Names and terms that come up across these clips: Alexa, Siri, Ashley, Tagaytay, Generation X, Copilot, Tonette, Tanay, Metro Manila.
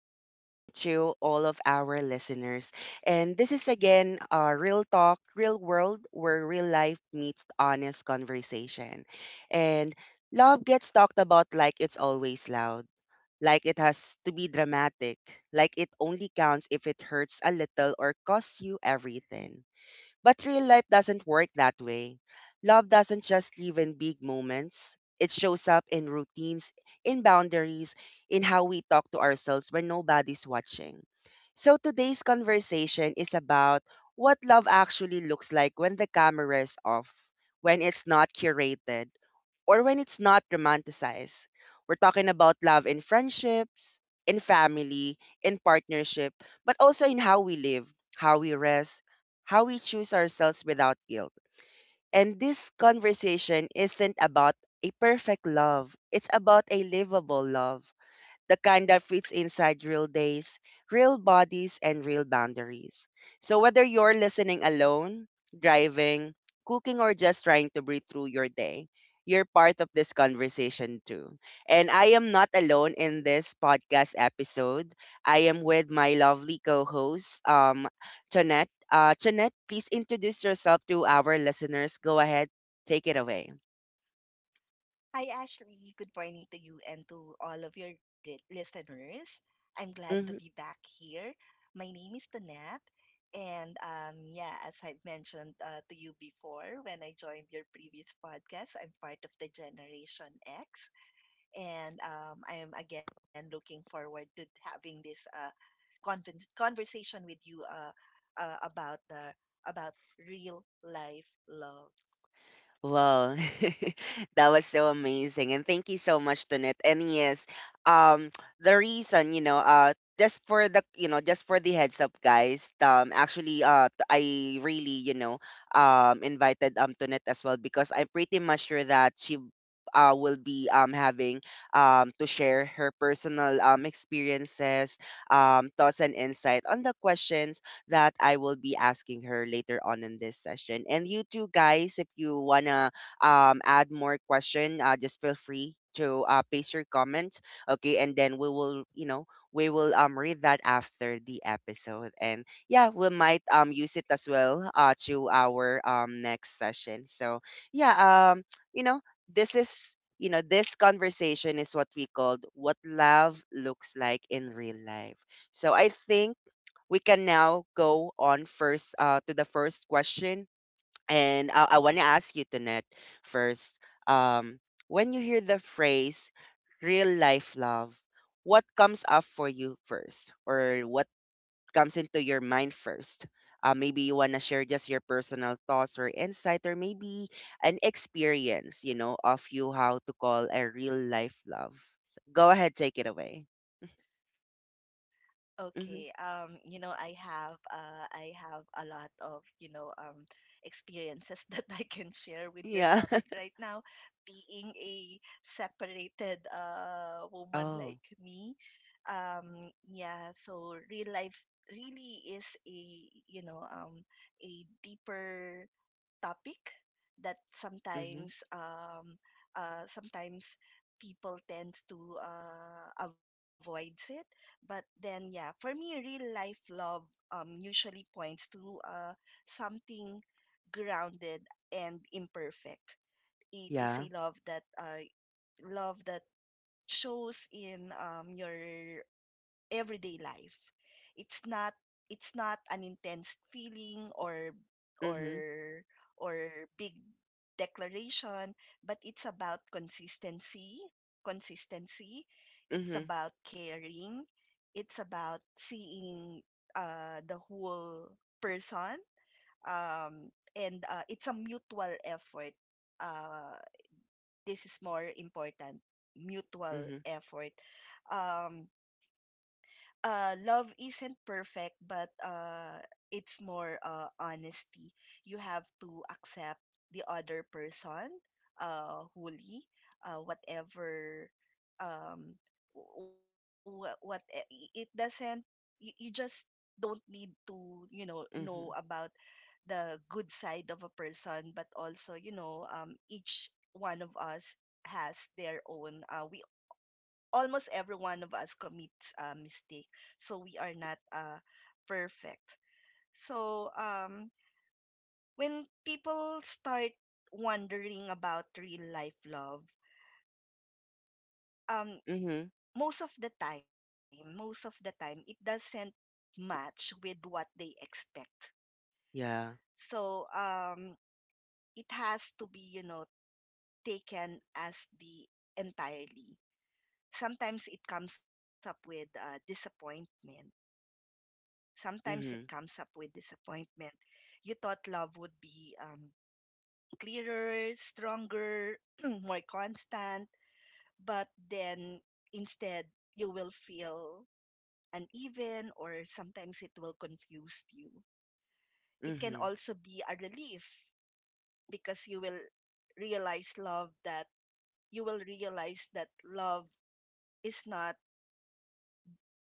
good evening to all of our listeners. And this is again Real Talk, Real World, where real life meets honest conversation. And love gets talked about like it's always loud, like it has to be dramatic, like it only counts if it hurts a little or costs you everything. But real life doesn't work that way. Love doesn't just live in big moments. It shows up in routines, in boundaries, in how we talk to ourselves when nobody's watching. So today's conversation is about what love actually looks like when the camera is off, when it's not curated, or when it's not romanticized. We're talking about love in friendships, in family, in partnership, but also in how we live, how we rest, how we choose ourselves without guilt. And this conversation isn't about a perfect love, it's about a livable love, the kind that fits inside real days, real bodies, and real boundaries. So, whether you're listening alone, driving, cooking, or just trying to breathe through your day, you're part of this conversation too. And I am not alone in this podcast episode. I am with my lovely co host, Tonette. Tonette, please introduce yourself to our listeners. Go ahead, take it away. Hi, Ashley. Good morning to you and to all of your listeners. I'm glad to be Mm-hmm. back here. My name is Tonette. And yeah, as I've mentioned to you before, when I joined your previous podcast, I'm part of the Generation X. And I am again looking forward to having this conversation with you about the about real life love. Well, that was so amazing. And thank you so much, Tunit. And yes, um, the reason, just for the heads up, guys, actually, I really, invited Tunit as well because I'm pretty much sure that she will be having to share her personal experiences, thoughts and insight on the questions that I will be asking her later on in this session. And you too, guys, if you wanna add more question, just feel free to paste your comment. Okay, and then we will read that after the episode, and yeah, we might use it as well to our next session. So yeah, um, you know, this conversation is what we called what love looks like in real life. So I think we can now go on first to the first question. And I want to ask you, Tanet, first. Um, when you hear the phrase real life love, what comes up for you first? Or what comes into your mind first? Maybe you want to share just your personal thoughts or insight, or maybe an experience, of you how to call a real life love. So go ahead, take it away. Okay, Hmm. You know, I have a lot of, you know, experiences that I can share with your Yeah. topic right now. Being a separated woman Oh. like me, yeah, so real life really is a, you know, a deeper topic that Hmm. Sometimes people tend to avoids it. But then, yeah, for me, real life love usually points to something grounded and imperfect. It is Yeah. a love that love that shows in your everyday life. It's not it's not an intense feeling Mm-hmm. or or big declaration, but it's about consistency. It's Mhm. about caring. It's about seeing the whole person. And it's a mutual effort. Uh, this is more important, mutual Mhm. effort. Um, love isn't perfect but it's more honesty. You have to accept the other person wholly, whatever. um it doesn't, you just don't need to, you know Mhm. about the good side of a person, but also, you know, each one of us has their own almost every one of us commits a mistake, so we are not perfect. So when people start wondering about real life love, um, Mhm. most of the time it doesn't match with what they expect. Yeah. So it has to be, you know, taken as the entirely. Sometimes it comes up with Mhm. Disappointment. You thought love would be clearer, stronger, more constant, but then instead you will feel uneven, or sometimes it will confuse you. It can Mhm. also be a relief because realize love that you will realize that love is not,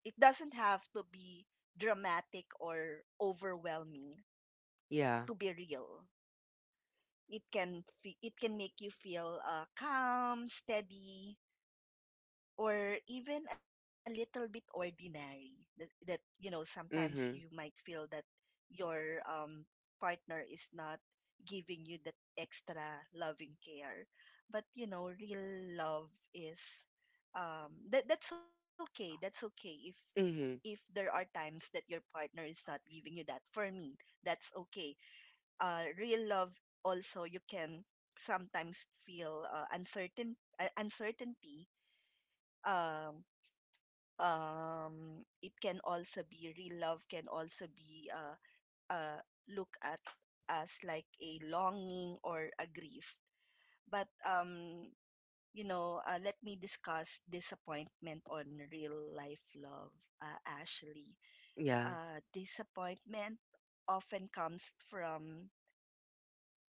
it doesn't have to be dramatic or overwhelming Yeah. to be real. It it can make you feel calm, steady, or even a little bit ordinary. That, that You know, sometimes you Mhm. might feel that your partner is not giving you that extra loving care, but you know real love is, that that's okay. That's okay if Mhm. there are times that your partner is not giving you that. For me, that's okay. Real love also, you can sometimes feel uncertainty. um it can also be, real love can also be uh look at as like a longing or a grief. But you know, let me discuss disappointment on real life love, Ashley. Yeah. Disappointment often comes from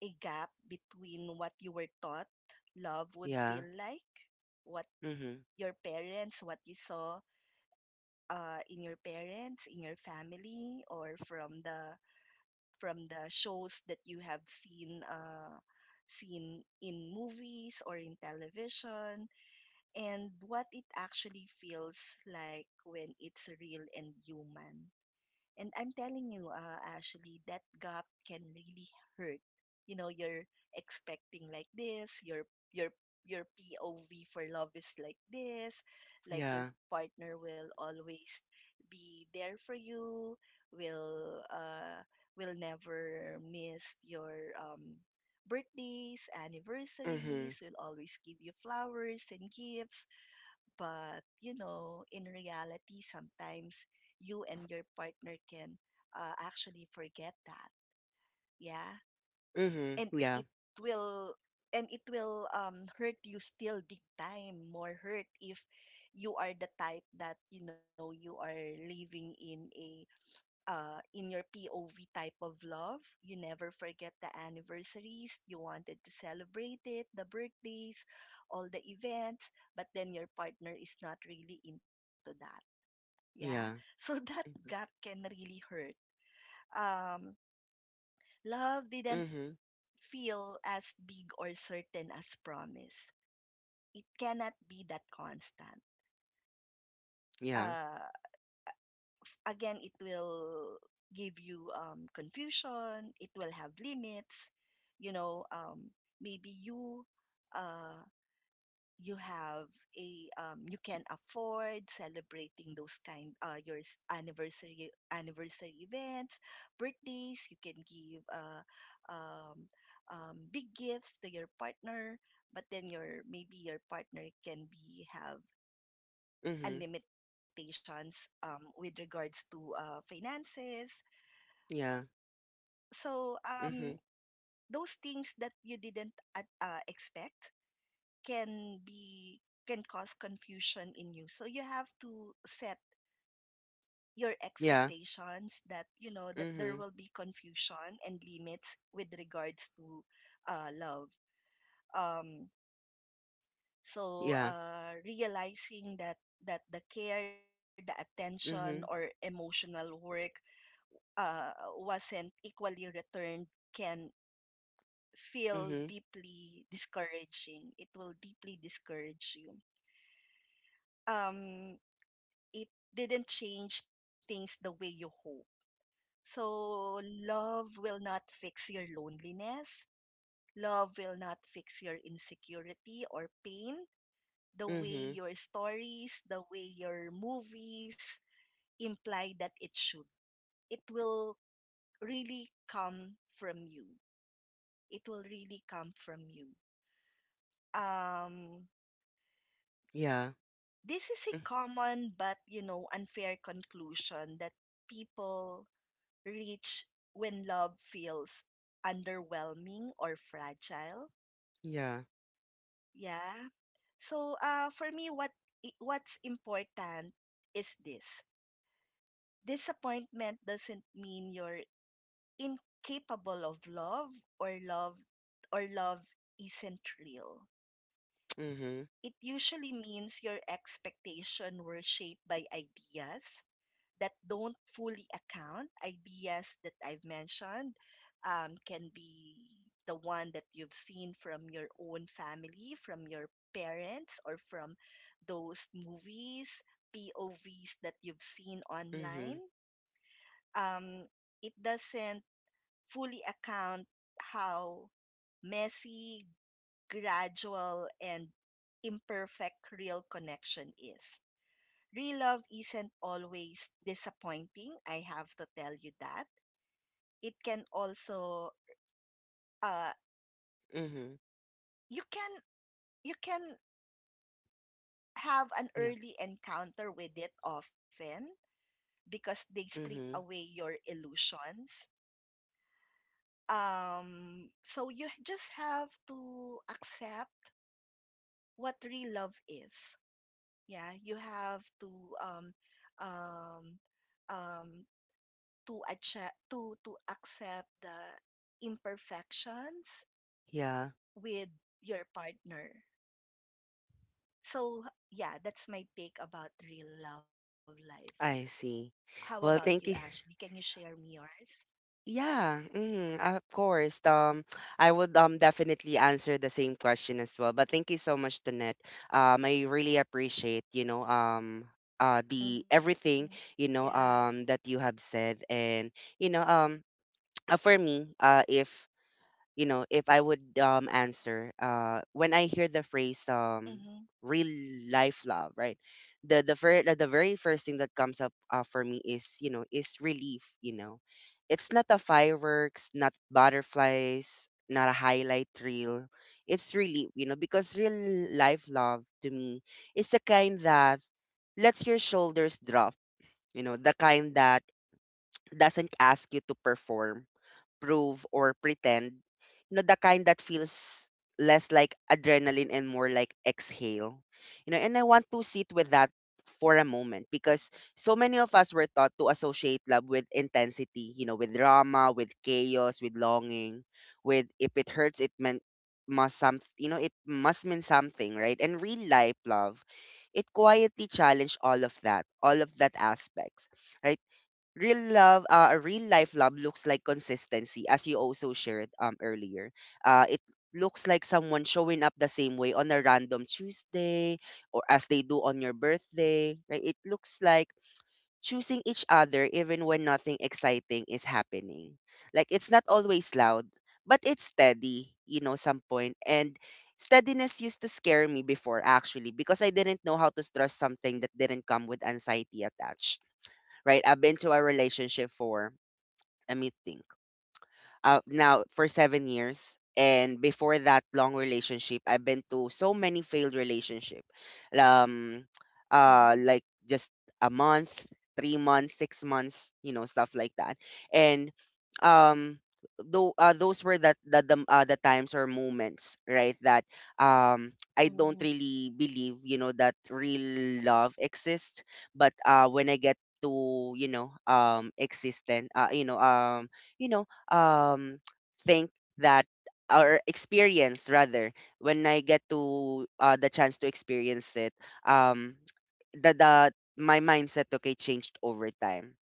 a gap between what you were taught love would Yeah. feel like, what Mhm. your parents, what you saw in your parents, in your family, or from the shows that you have seen in movies or in television, and what it actually feels like when it's real and human. And I'm telling you, Ashley, that gap can really hurt. You know, you're expecting like this, your your POV for love is like this, like your Yeah. partner will always be there for you, will uh will never miss your birthdays, anniversaries, Mhm. will always give you flowers and gifts. But, you know, in reality, sometimes you and your partner can actually forget that. Yeah. Mhm. And Yeah. it will it will hurt you still, big time more hurt if you are the type that, you know, you are living in a in your POV type of love. You never forget the anniversaries. You wanted to celebrate it, the birthdays, all the events, but then your partner is not really into that. Yeah. Yeah. So that Mhm. Mhm. gap can really hurt. Um, love didn't feel as big or certain as promise. It cannot be that constant. Uh, Yeah. Again it will give you confusion. It will have limits, you know. Maybe you, uh, you have a you can afford celebrating those kind, anniversary events, birthdays, you can give um, big gifts to your partner, but then your, maybe your partner can be have a Mhm. limitations with regards to finances. Yeah. So Mhm. those things that you didn't expect can be, can cause confusion in you. So you have to set your Yeah. expectations that, you know, that there Mhm. will be confusion and limits with regards to love. um so Yeah. uh realizing that the care, the attention, or Mhm. emotional work uh wasn't equally returned can feel Mhm. deeply discouraging. It will deeply discourage you. Um, it didn't change things the way you hope. So, love will not fix your loneliness. Love will not fix your insecurity or pain. The way Mhm. your stories, the way your movies imply that it should. It will really come from you. It will really come from you. Um, Yeah. This is a Mm. common but, you know, unfair conclusion that people reach when love feels underwhelming or fragile. Yeah. Yeah. So, for me, what's important is this: disappointment doesn't mean you're incapable of love, or love or love isn't real. Mhm. It usually means your expectation were shaped by ideas, that don't fully account, ideas that I've mentioned, can be the one that you've seen from your own family, from your parents, or from those movies, POVs that you've seen Mhm. online. Um, it doesn't fully account how messy, gradual, and imperfect real connection is. Real love isn't always disappointing. I have to tell you that. It can also, uh Mhm. you can you can have an Yeah. early encounter with it often because they strip away Mhm. your illusions. So you just have to accept what real love is. Yeah, you have to um um um to accept the imperfections Yeah. with your partner. So, yeah, that's my take about real love life. I see. How about you, Well, thank Ashley? you. Can you share me yours? Yeah, of course. I would definitely answer the same question as well. But thank you so much, Donette. I really appreciate, the Mm-hmm. everything, Yeah. That you have said, and you know, um, for me, if if I would answer, when I hear the phrase Mm-hmm. real life love, right? The very first thing that comes up for me is relief. It's not a fireworks, not butterflies, not a highlight reel. It's relief, because real life love to me is the kind that lets your shoulders drop. The kind that doesn't ask you to perform prove or pretend. The kind that feels less like adrenaline and more like exhale. And I want to sit with that for a moment because so many of us were taught to associate love with intensity, with drama, with chaos, with longing, with if it hurts, it meant must some it must mean something, right? And real life love, it quietly challenged all of that aspects, right? Real life love looks like consistency, as you also shared earlier. It looks like someone showing up the same way on a random Tuesday or as they do on your birthday, right? It looks like choosing each other even when nothing exciting is happening. Like it's not always loud, but it's steady, some point. And steadiness used to scare me before, actually, because I didn't know how to trust something that didn't come with anxiety attached, right? I've been to a relationship for a meeting, now, for 7 years. And before that long relationship, I've been to so many failed relationship, um, like Mm-hmm. just a month, 3 months, 6 months, stuff like that. And um, though those were that the times or moments, right? That I don't Mm-hmm. really believe, that real love exists. But when I get to existent you know um, think that or experience rather, when I get to the chance to experience it, um, the my mindset, okay, changed over time.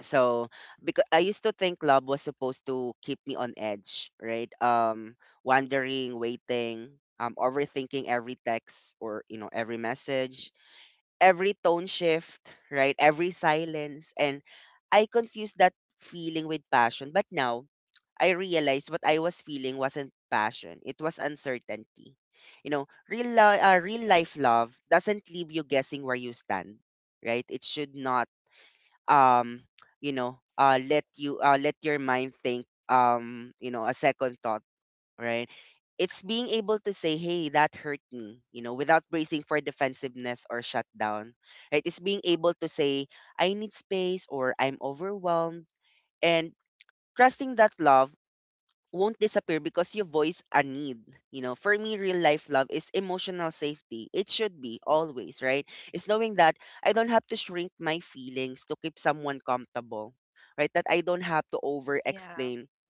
So because I used to think love was supposed to keep me on edge, right? Wondering, waiting, overthinking every text or every message, every tone shift, right? Every silence. And I confused that feeling with passion. But now I realized what I was feeling wasn't passion, it was uncertainty. Real life love doesn't leave you guessing where you stand, right? It should not, um, let you let your mind think, a second thought, right? It's being able to say, hey, that hurt me, without bracing for defensiveness or shutdown, right? It's being able to say, I need space or I'm overwhelmed. And trusting that love won't disappear because you voice a need. For me, real life love is emotional safety. It should be always, right? It's knowing that I don't have to shrink my feelings to keep someone comfortable, right? That I don't have to over explain Yeah.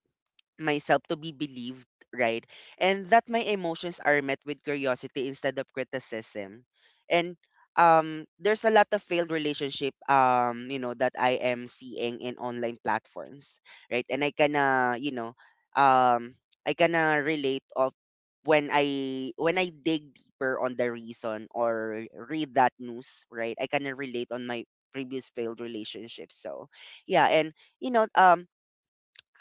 myself to be believed, right? And that my emotions are met with curiosity instead of criticism. And there's a lot of failed relationship that I am seeing in online platforms, right? And um I kinda relate of when I dig deeper on the reason or read that news, right? I kinda relate on my previous failed relationships. So yeah, and you know, um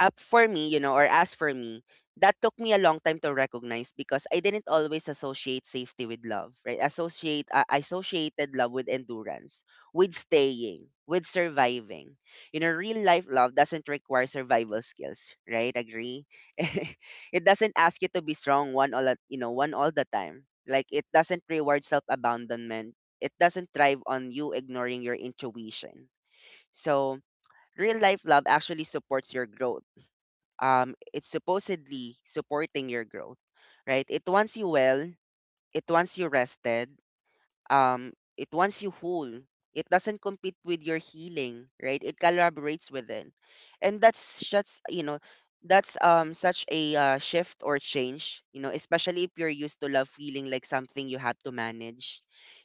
up for me, or as for me, that took me a long time to recognize because I didn't always associate safety with love, right? Associate I associated love with endurance, with staying, with surviving. Real life love doesn't require survival skills, right? Agree? It doesn't ask you to be strong one all at, one all the time. Like it doesn't reward self-abandonment. It doesn't thrive on you ignoring your intuition. So, real life love actually supports your growth, it's supposedly supporting your growth, right? It wants you well, it wants you rested, um, it wants you whole. It doesn't compete with your healing, right? It collaborates within, and that's just you know that's such a shift or change, especially if you're used to love feeling like something you have to manage,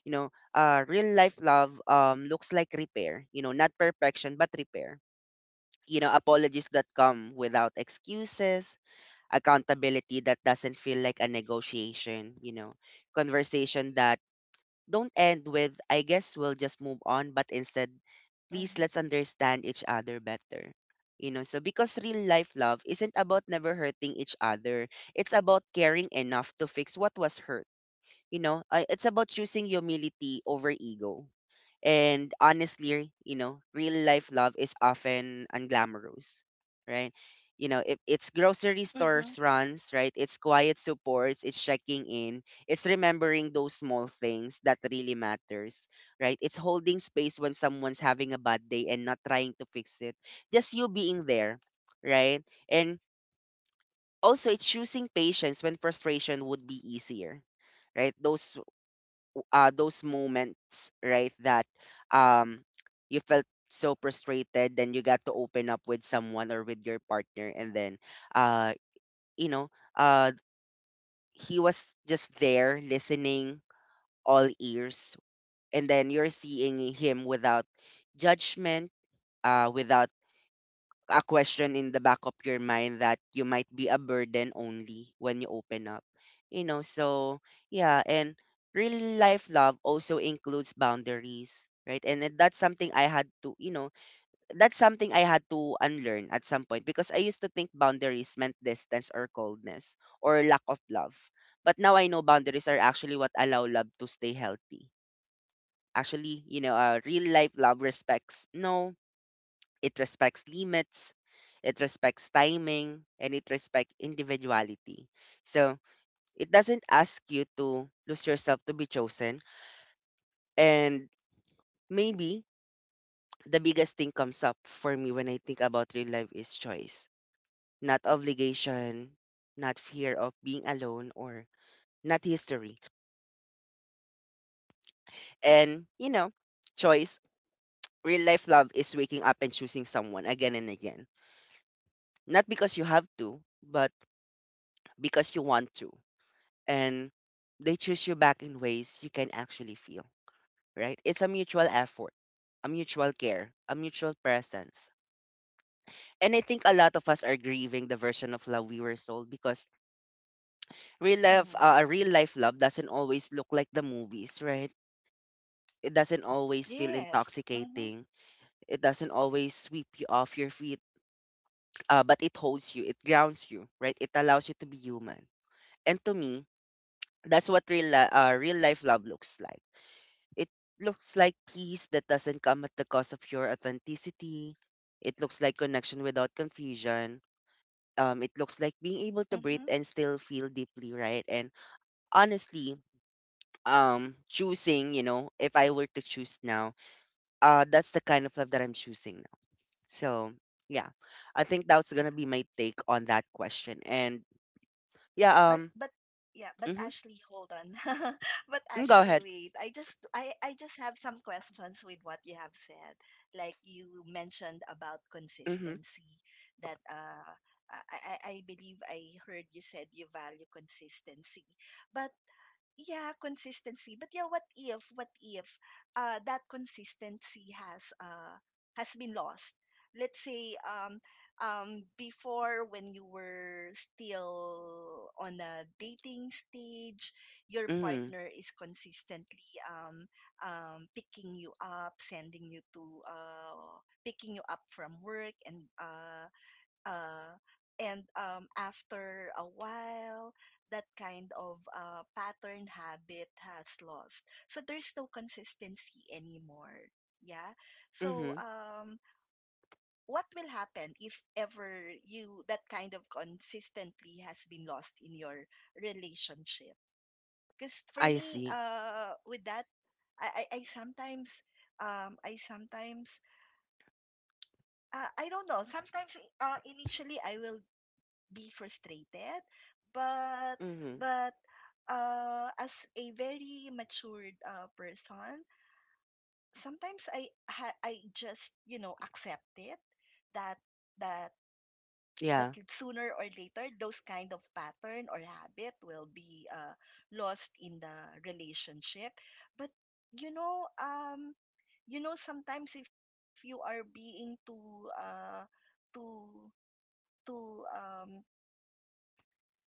Real life love looks like repair, not perfection but repair. Apologies that come without excuses, accountability that doesn't feel like a negotiation, conversation that don't end with, I guess we'll just move on, but instead, Mm-hmm. please let's understand each other better. So because real life love isn't about never hurting each other, it's about caring enough to fix what was hurt. It's about choosing humility over ego. And honestly, real life love is often unglamorous, right? If it's grocery Mm-hmm. stores runs, right? It's quiet supports, it's checking in, it's remembering those small things that really matters, right? It's holding space when someone's having a bad day and not trying to fix it. Just you being there, right? And also it's choosing patience when frustration would be easier, right? Those moments, right, that um, you felt so frustrated, then you got to open up with someone or with your partner, and then, uh, you know, uh, he was just there listening, all ears, and then you're seeing him without judgment, without a question in the back of your mind that you might be a burden only when you open up. So yeah, and real life love also includes boundaries, right? And then that's something I had to unlearn at some point because I used to think boundaries meant distance or coldness or lack of love. But now I know boundaries are actually what allow love to stay healthy. Actually, real life love respects no it respects limits, it respects timing, and it respects individuality. So it doesn't ask you to lose yourself to be chosen. And maybe the biggest thing comes up for me when I think about real life is choice, not obligation, not fear of being alone, or not history. And choice, real life love is waking up and choosing someone again and again. Not because you have to, but because you want to. And they choose you back in ways you can actually feel, right? It's a mutual effort, a mutual care, a mutual presence. And I think a lot of us are grieving the version of love we were sold because real life, Mm-hmm. uh, a real life love doesn't always look like the movies, right? It doesn't always feel Yes. intoxicating. Mm-hmm. It doesn't always sweep you off your feet, but it holds you, it grounds you, right? It allows you to be human. And to me, that's what real life love looks like. It looks like peace that doesn't come at the cost of your authenticity. It looks like connection without confusion. It looks like Mm-hmm. being able to breathe and still feel deeply, right? And honestly, if I were to choose now, that's the kind of love that I'm choosing now. So yeah, I think that's gonna be my take on that question. And but yeah, but yeah, but mhm, Ashley, hold on. But mm, Ashley, go ahead. wait, I just have some questions with what you have said. Like you mentioned about Mm-hmm, consistency, that I believe I heard you said you value consistency, but yeah consistency but yeah what if that consistency has been lost? Let's say before, when you were still on a dating stage, your mm-hmm, partner is consistently picking you up, sending you to, uh, picking you up from work. And uh uh, and um, after a while, that kind of pattern, habit has lost. So there's no consistency anymore. Yeah. mm-hmm. So what will happen if ever you, that kind of consistently has been lost in your relationship? Because for I me, see. With that, I sometimes, um, I sometimes, I don't know. Sometimes, initially I will be frustrated, but Mm-hmm. but as a very matured person, sometimes I just, you know, accept it that that Yeah, sooner or later those kind of pattern or habit will be lost in the relationship. But you know, you know, sometimes if you are being too too um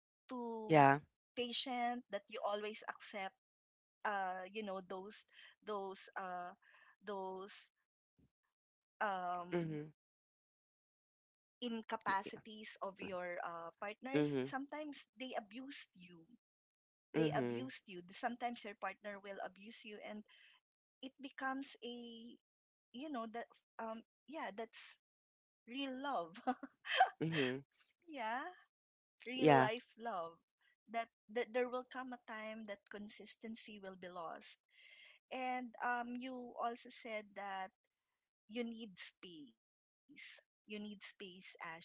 too yeah. patient that you always accept, you know, those uh those um Mm-hmm. incapacities of your partners, Mm-hmm. sometimes they abused you, they abused Mhm. you sometimes your partner will abuse you and it becomes a, you know, that um yeah, that's real love. Mhm. Yeah, real Yeah. life love, that there will come a time that consistency will be lost. And you also said that you need space. You need space, Ashley.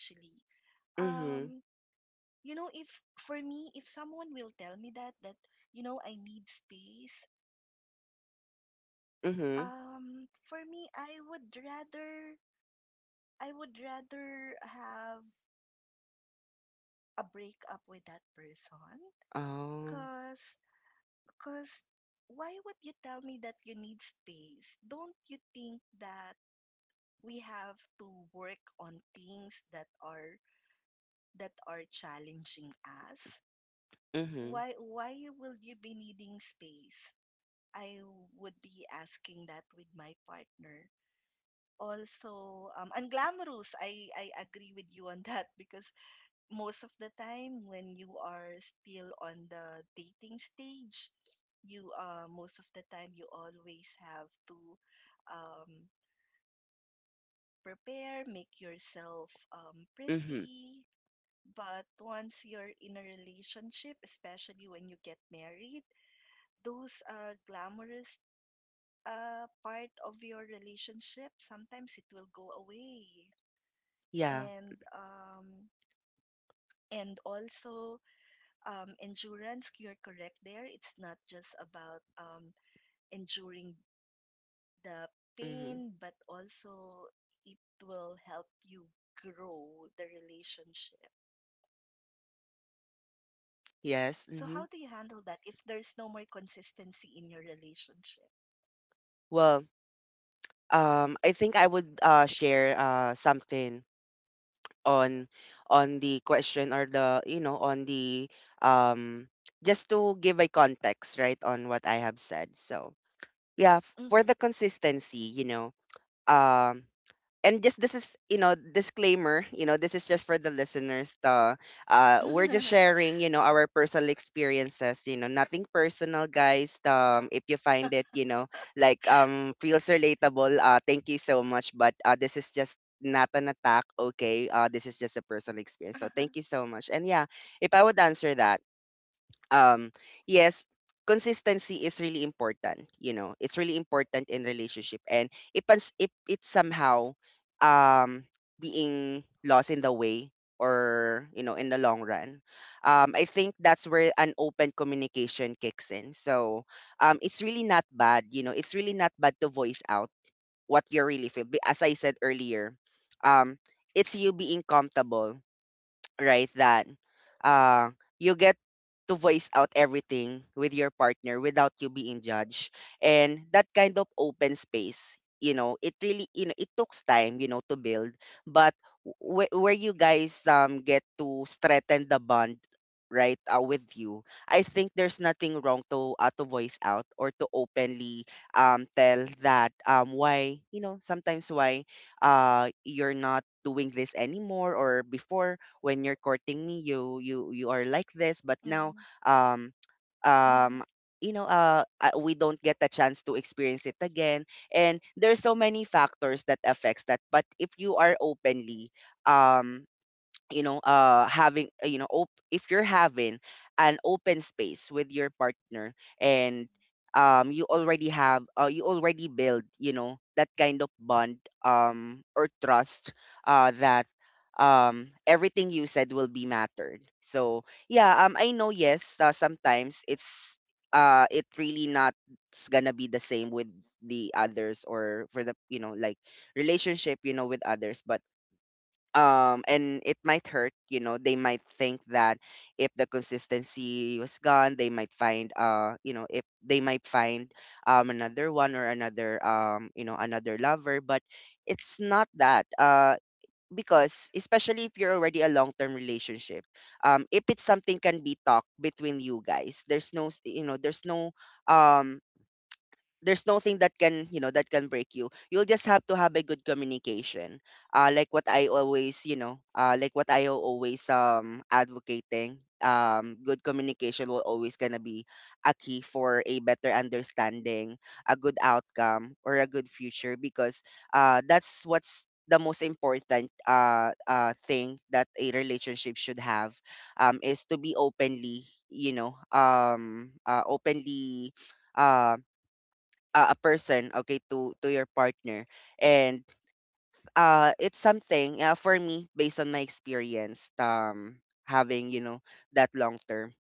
Um, Mhm. you know, if for me, if someone will tell me that, you know, I need space, Mhm. For me, I would rather have a breakup with that person. Oh. Cause, cause why would you tell me that you need space? Don't you think that we have to work on things that are challenging us, Mhm. Why will you be needing space? I would be asking that with my partner. Also, unglamorous. I agree with you on that because most of the time when you are still on the dating stage, you most of the time you always have to um, prepare, make yourself Mhm. pretty. But once you're in a relationship, especially when you get married, those glamorous part of your relationship, sometimes it will go away. Yeah. And also endurance, you're correct there. It's not just about enduring the Mhm. pain, but also it will help you grow the relationship. Yes. So how Mhm. do you handle that if there's no more consistency in your relationship? Well, I think I would share something on the question, or the, on the, um just to give a context, right, on what I have said. So, yeah, for the Mhm. consistency, um. And just this is, disclaimer, this is just for the listeners. We're just sharing, our personal experiences. Nothing personal, guys. If you find it, like feels relatable, thank you so much. But this is just not an attack, okay? This is just a personal experience, so thank Uh-huh. you so much. And yeah, if I would answer that, um yes, consistency is really important, it's really important in relationship. And if it's somehow um being lost in the way, or, in the long run, I think that's where an open communication kicks in. So it's really not bad, it's really not bad to voice out what you really feel. As I said earlier, um it's you being comfortable, right? Then uh you get to voice out everything with your partner without you being judged. And that kind of open space, it really, it takes time, to build. But where you guys get to strengthen the bond, right, with you. I think there's nothing wrong to voice out, or to openly tell that, why, sometimes, why you're not doing this anymore. Or before, when you're courting me, you are like this, but now Mhm. um um Mhm. We don't get a chance to experience it again. And there's so many factors that affects that. But if you are openly, um having, if you're having an open space with your partner, Mhm. and you already have, you already build, that kind of bond, or trust, that, everything you said will be mattered. So yeah, I know, yes, sometimes it's, it really not, it's gonna be the same with the others, or for the, like, relationship, with others. But and it might hurt, they might think that if the consistency was gone, they might find, if they might find another one, or another, another lover. But it's not that, because especially if you're already a long-term relationship, if it's something can be talked between you guys, there's no um there's nothing that can, that can break you. You'll just have to have a good communication, like what I always, like what I always, advocating, good communication will always gonna be a key for a better understanding, a good outcome, or a good future. Because that's what's the most important, thing that a relationship should have, is to be openly, openly, uh, a person, okay, to your partner. And it's something, for me based on my experience, having, that long term,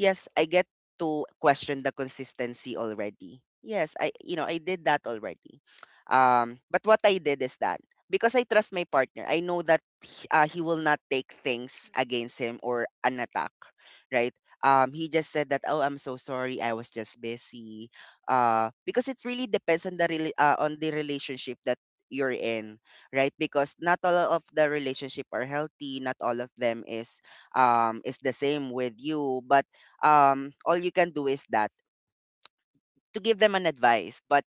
yes, I get to question the consistency already. Yes, I did that already. But what I did is that because I trust my partner, I know that he will not take Mhm. things against him or an attack, right? He just said that, "Oh, I'm so sorry. I was just busy." Because it really depends on the relationship that you're in, right? Because not all of the relationship are healthy. Not all of them is the same with you. But all you can do is that to give them an advice. But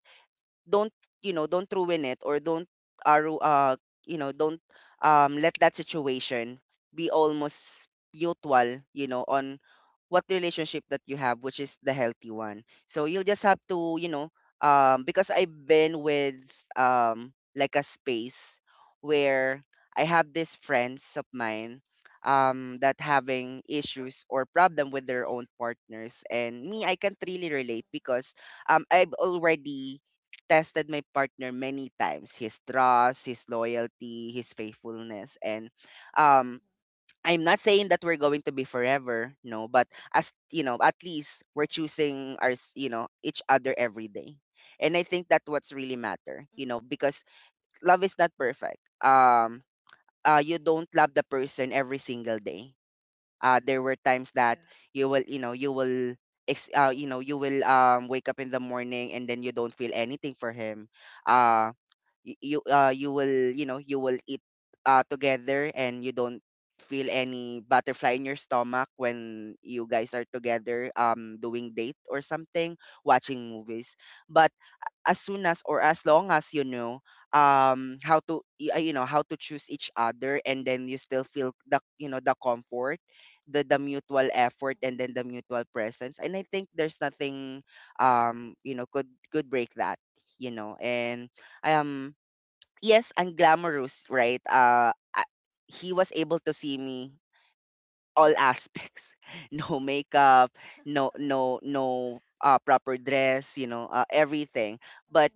don't, don't ruin it, or don't, uh, ru- uh don't let that situation be almost mutual, on what relationship that you have, which is the healthy one. So you'll just have to, because I've been with, like, a space where I have these friends of mine, that having issues or problem with their own partners, and me, I can't really relate, Mhm. Mhm. because I've already tested my partner many times, his trust, his loyalty, his faithfulness. And Mhm. um I'm not saying that we're going to be forever, no, but as you know, at least we're choosing our, each other every day. And I think that what's really matter, Mhm. Because love is not perfect. You don't love the person every single day. There were times Yeah. that you will, you will, you will wake up in the morning, and then you don't feel anything for him. Uh, you will, you will eat together, and you don't feel any butterfly in your stomach when you guys are together, doing date or something, watching movies. But as soon as, or as long as, how to, how to choose each other, and then you still feel the, the comfort, the, mutual effort, and then the mutual presence. And I think there's nothing, could break that, and I am, yes, and glamorous, right? He was able to see me all aspects, no makeup, no no no proper dress, you know, everything. But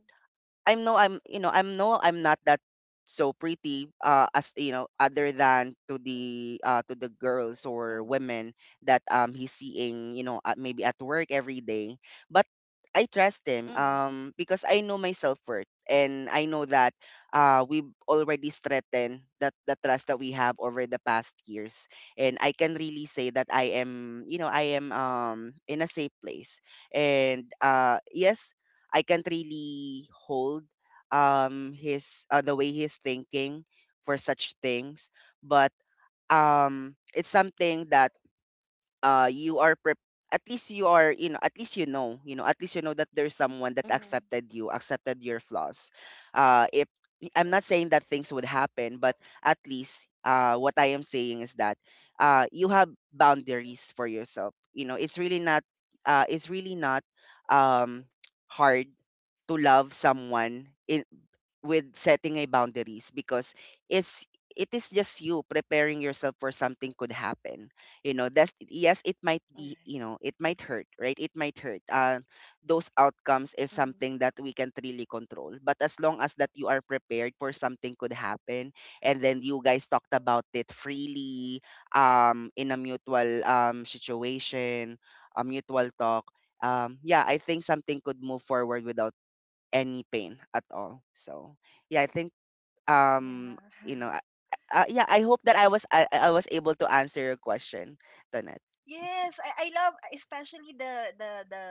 I'm no I'm you know I'm no I'm not that so pretty, as you know, other than to the, to the girls Mhm. or women that, he's seeing, you know, at, maybe at work every day. But I Mhm. trust him, Mhm. Because I know my self worth, and I know that we've already strengthened that, the trust that we have over the past years. And I can really say that I am, I am, in a safe place. And yes, I can't really hold, his, the way he's thinking for such things. But it's something that you are prep at least you are you know at least you know at least you know that there's someone that Mhm. accepted your flaws. If I'm not saying that things would happen, but at least what I am saying is that you have boundaries for yourself. It's really not uh it's really not um hard to love someone in with setting a boundaries, because it's Mhm. it is just you preparing yourself for something could happen. That's, yes, it All might right. be, it Mhm. might hurt, right? it might hurt Those outcomes is Mhm. something that we can't really control, but as long as that you are prepared for something could happen, and then you guys talked about it freely, in a mutual situation, a mutual talk. Yeah, I think something could move forward without any pain at all. So yeah, I think um Yeah. you know I- yeah, I hope that I was able to answer your question, Donette. Yes, I love especially the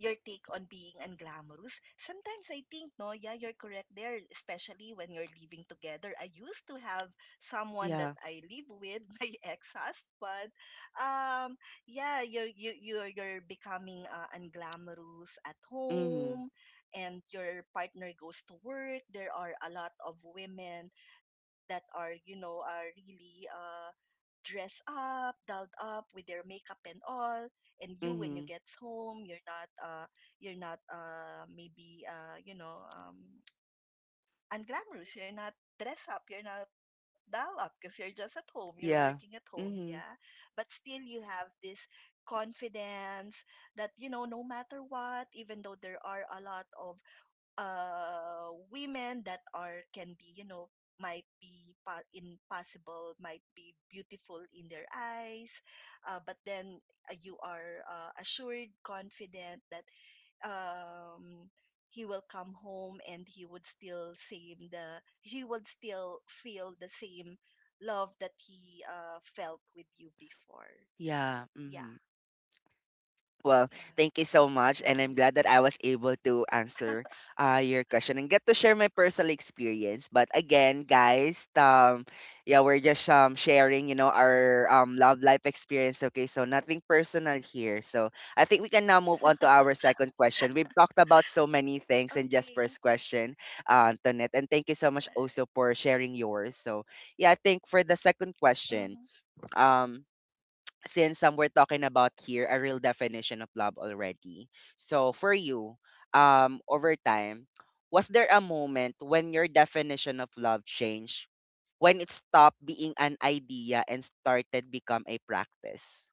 your take on being unglamorous. Sometimes I think no, yeah, you're correct there, especially when you're living together. I used to have someone that Yeah. I live with, my ex-husband. Um, yeah, you're you you're becoming unglamorous at Mhm. home and your partner goes to work. There are a lot of women that are, you know, are really dressed up, dolled up with their makeup and all, and you when you Mhm. get home, you're not maybe unglamorous. You're not dress up, you're not dolled up because you're just at home, you're working at Yeah. home, yeah. Mhm. But still you have this confidence that you know no matter what even though there are a lot of women that are can be you know might be impossible might be beautiful in their eyes but then you are assured confident that um he will come home and he would still feel the same love that he felt with you before. Yeah. Yeah, Mhm. Well, yeah, thank you so that's much, and I'm nice. glad that I was able to answer your question and get to share my personal experience. But again, guys, yeah, we're just sharing, our love life experience. Okay, so nothing personal here. So I think we can now move on to our second question. We've talked about so many things in just Okay, first question, Antoinette, and thank you so much right. also for sharing yours. So yeah, I think for the second Mm-hmm. question, um since we're talking about here a real definition of love already. So for you, over time, was there a moment when your definition of love changed, when it stopped being an idea and started become a practice?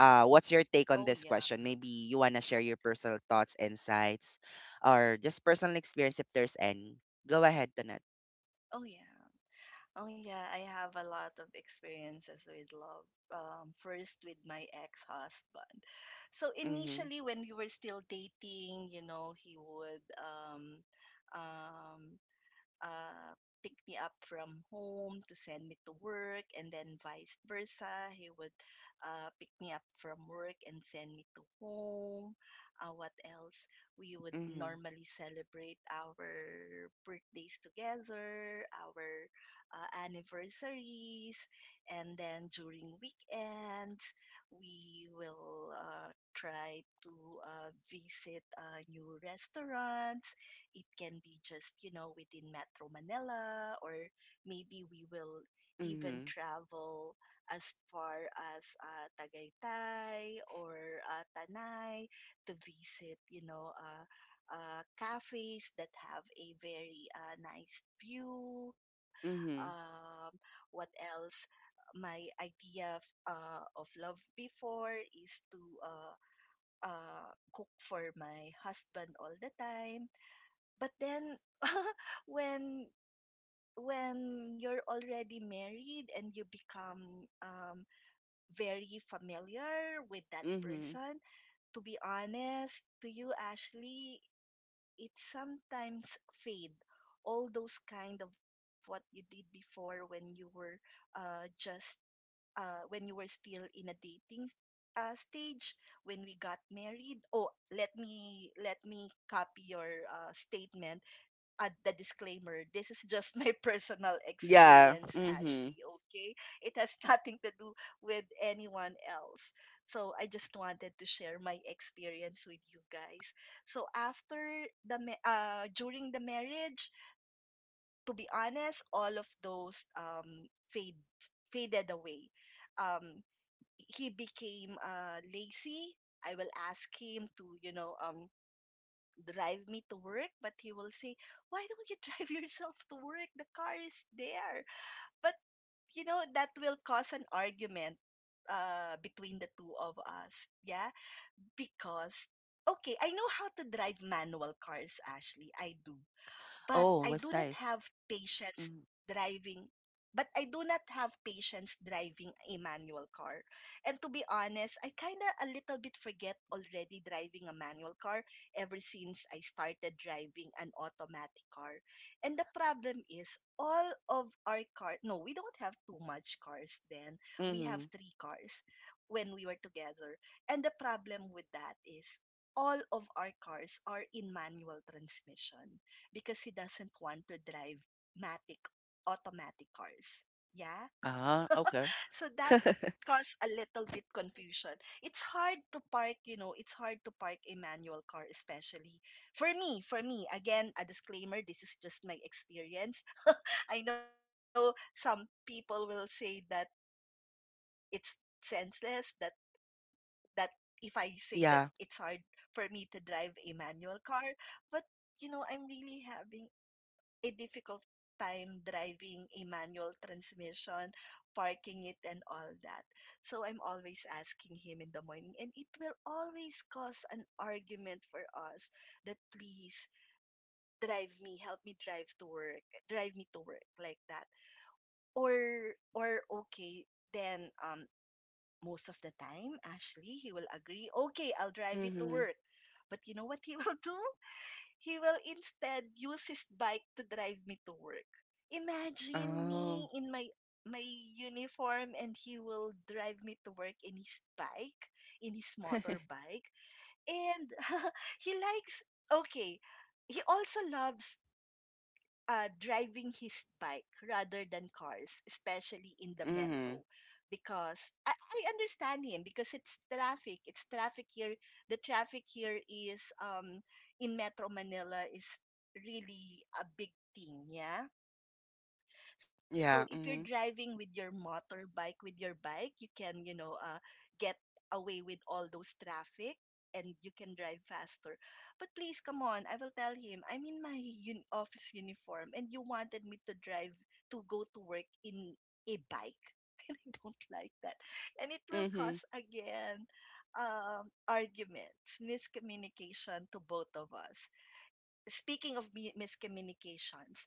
What's your take on Oh this yeah. question? Maybe you wanna share your personal thoughts, insights, or just personal experience if there's any. Go ahead, Tonette. oh yeah Oh yeah, I have a lot of experiences with love. First with my ex-husband. So Mhm. initially, when we were still dating, you know, he would um, uh, pick me up from home to send me to work, and then vice versa. He would pick me up from work and send me to home. What else? We would Mhm. normally celebrate our birthdays together, our anniversaries, and then during weekends, we will try to visit new restaurants. It can be just, you know, within Metro Manila, or maybe we will even Mhm. travel as far as Tagaytay or Tanay to visit, you know, cafes that have a very nice view. Mhm. Um, what else? My idea of love before is to uh, cook for my husband all the time, but then when when you're already married and you become very familiar with that Mhm. person, to be honest to you, Ashley, it sometimes fade all those kind of what you did before when you were just when you were still in a dating stage. When we got married, oh let me copy your statement, add the disclaimer. This is just my personal Yeah. experience, Ashley, Mhm. okay? It has nothing to do with anyone else. So I just wanted to share my experience with you guys. So after during the marriage, to be honest, all of those fade faded away. Um, he became lazy. I will ask him to, you know, drive me to work, but he will say, why don't you drive yourself to work? The car is there. But, you know, that will cause an argument between the two of us. Yeah. Because, okay, I know how to drive manual cars, Ashley. I do, but Oh, I what's do not nice? have patience Mm-hmm. driving. But I do not have patience driving a manual car. And to be honest, I kind of a little bit forget already driving a manual car ever since I started driving an automatic car. And the problem is all of our car no, we don't have too much cars then. We Mm-hmm. have three cars when we were together. And the problem with that is all of our cars are in manual transmission because he doesn't want to drive matic automatic cars. Yeah. Uh-huh. So Okay. that caused a little bit confusion. It's hard to park, you know, it's hard to park a manual car especially. For me, again, a disclaimer, this is just my experience. I know some people will say that it's senseless that that if I say that it's hard for Yeah. me to drive a manual car, but you know, I'm really having a difficult time driving a manual transmission, parking it, and all that. So I'm always asking him in the morning, and it will always cause an argument for us that please drive me, help me drive to work, drive me to work like that. Or okay, then most of the time, Ashley, he will agree, okay, I'll drive you to Mm-hmm. work. But you know what he will do? He will instead use his bike to drive me to work. Imagine Oh. me in my uniform and he will drive me to work in his bike, in his motorbike. And he likes okay, he also loves driving his bike rather than cars, especially in the Mm-hmm. metro, because I understand him because it's traffic. It's traffic here. The traffic here is in Metro Manila is really a big thing. Yeah, so if you're Yeah. Mm-hmm. driving with your motorbike, with your bike, you can, you know, get away with all those traffic and you can drive faster. But please, come on, I will tell him, I'm in my office uniform and you wanted me to drive, to go to work in a bike. And I don't like that. And it will Mm-hmm. cause, again, arguments, miscommunication to both of us. Speaking of miscommunications,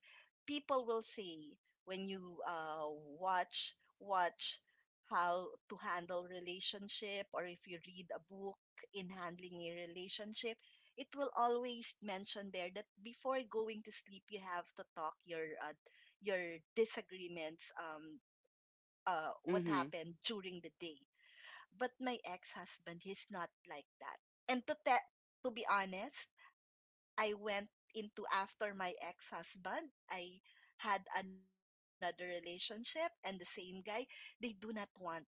people will say when you watch watch how to handle relationship or if you read a book in handling a relationship, it will always mention there that before going to sleep you have to talk your disagreements, what Mm-hmm. happened during the day. But my ex-husband, he's not like that. And to be honest, I went into after my ex-husband. I had another relationship and the same guy, they do not want to talk,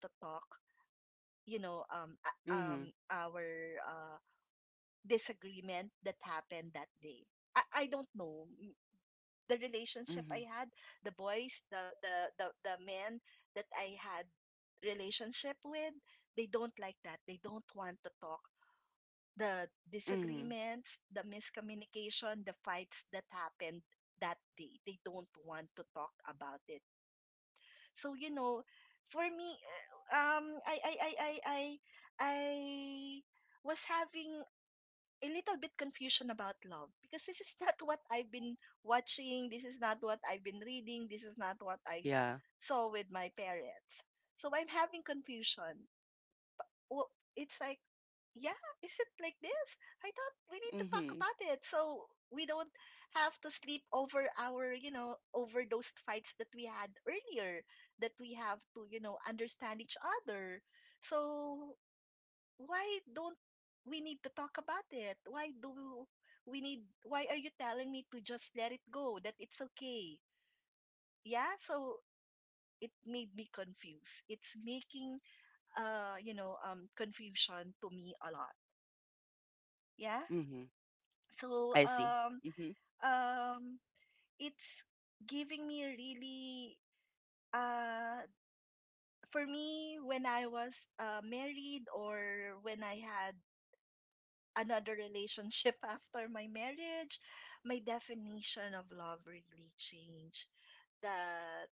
you know, Mm-hmm. our uh disagreement that happened that day. I don't know the relationship Mm-hmm. I had, the boys, the men that I had relationship with, they don't like that. They don't want to talk the Mm-hmm. disagreements, the miscommunication, the fights that happened that day. They don't want to talk about it. So, you know, for me, uh, um, I, I, I, I, I, I was having a little bit confusion about love because this is not what I've been watching. This is not what I've been reading. This is not what I Yeah. saw with my parents. So I'm having confusion. It's like yeah, is it like this? I thought we need to talk Mm-hmm. about it so we don't have to sleep over our, you know, over those fights that we had earlier, that we have to, you know, understand each other. So why don't we need to talk about it? Why do why are you telling me to just let it go, that it's okay? Yeah, so it made me confused. It's making, you know, confusion to me a lot. Yeah. Mm-hmm. So I see. Mm-hmm. um it's giving me really uh for me when I was married or when I had another relationship after my marriage, my definition of love really changed. That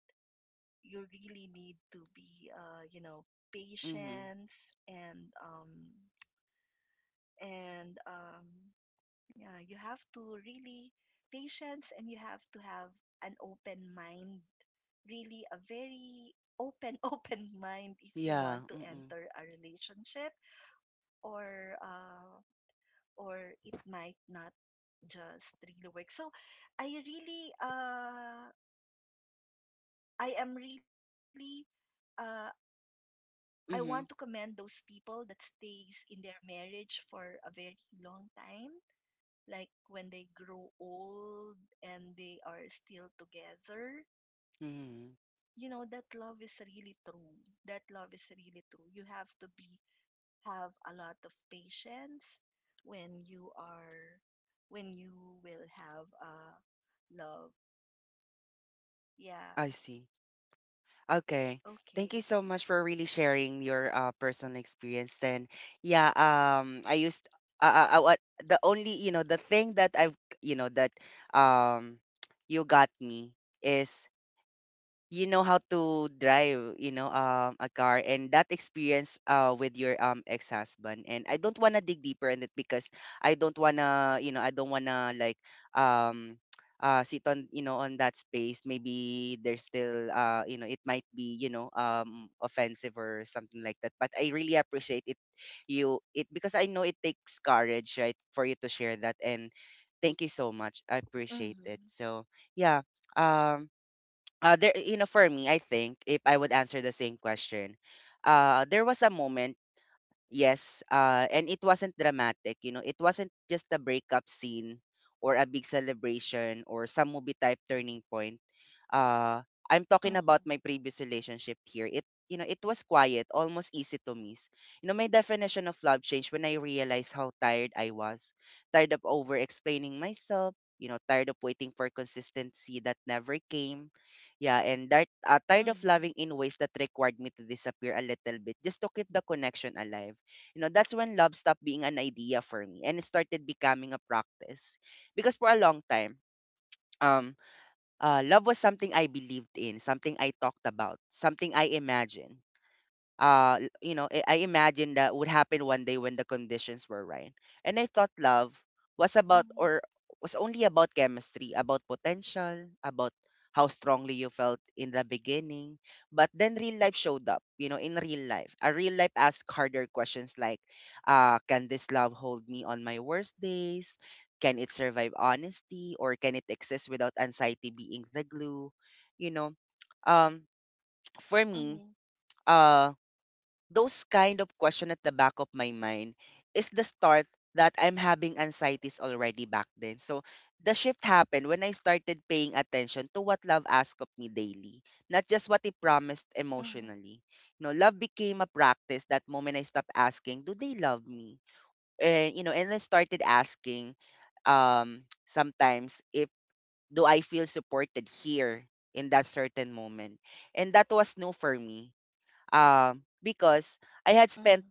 you really need to be Mm-hmm. patience and yeah, you have to really patience and you have to have an open mind. Really a very open open mind if you Yeah. want to Mm-hmm. enter a relationship or uh or it might not just really work. So I really I am really uh I want to Mm-hmm. commend those people that stays in their marriage for a very long time, like when they grow old and they are still together, Mm-hmm. you know that love is really true, that love is really true, you have to be have a lot of patience when you are when you will have a love. Yeah. I see. Okay. Thank you Okay. so much for really sharing your personal experience then. Yeah, I used what, the only, the thing that I've, that um you got me is, how to drive, a car, and that experience with your ex-husband, and I don't want to dig deeper in it, because I don't want to you know I don't want to like, um sit on, on that space. Maybe there's still it might be, offensive or something like that, but I really appreciate it. You it, because I know it takes courage, right, for you to share that, and thank you so much, I appreciate Mhm. it. So yeah, um there, for me, I think if I would answer the same question, there was a moment. Yes, and it wasn't dramatic, you know. It wasn't just a breakup scene or a big celebration or some movie type turning point. Uh, I'm talking Mhm. about my previous relationship here. It was quiet, almost easy to miss. You know, my definition of love changed when I realized how tired I was, tired of over explaining myself, you know, tired of waiting for consistency that never came. Yeah, and that tired of Mhm. loving in ways that required me to disappear a little bit just to keep the connection alive. That's when love stopped being an idea for me and it started becoming a practice. Because for a long time, um, love was something I believed in, something I talked about, something I imagined. I imagined that would happen one day when the conditions were right, and I thought love was about, Mhm. or was only about, chemistry, about potential, about how strongly you felt in the beginning. But then real life showed up, you know in real life a real life asked harder questions like, can this love hold me on my worst days? Can it survive honesty? Or can it exist without anxiety being the glue? you know um for Mhm. me, uh, those kind of question at the back of my mind is the start that I'm having anxieties already back then. So the shift happened when I started paying attention to what love asked of me daily, not just what it promised Mhm. emotionally. You know, love became a practice that moment I stopped asking, do they love me? And I started asking, um sometimes if, do I feel supported here in that certain moment? And that was new for me, because I had Mhm. spent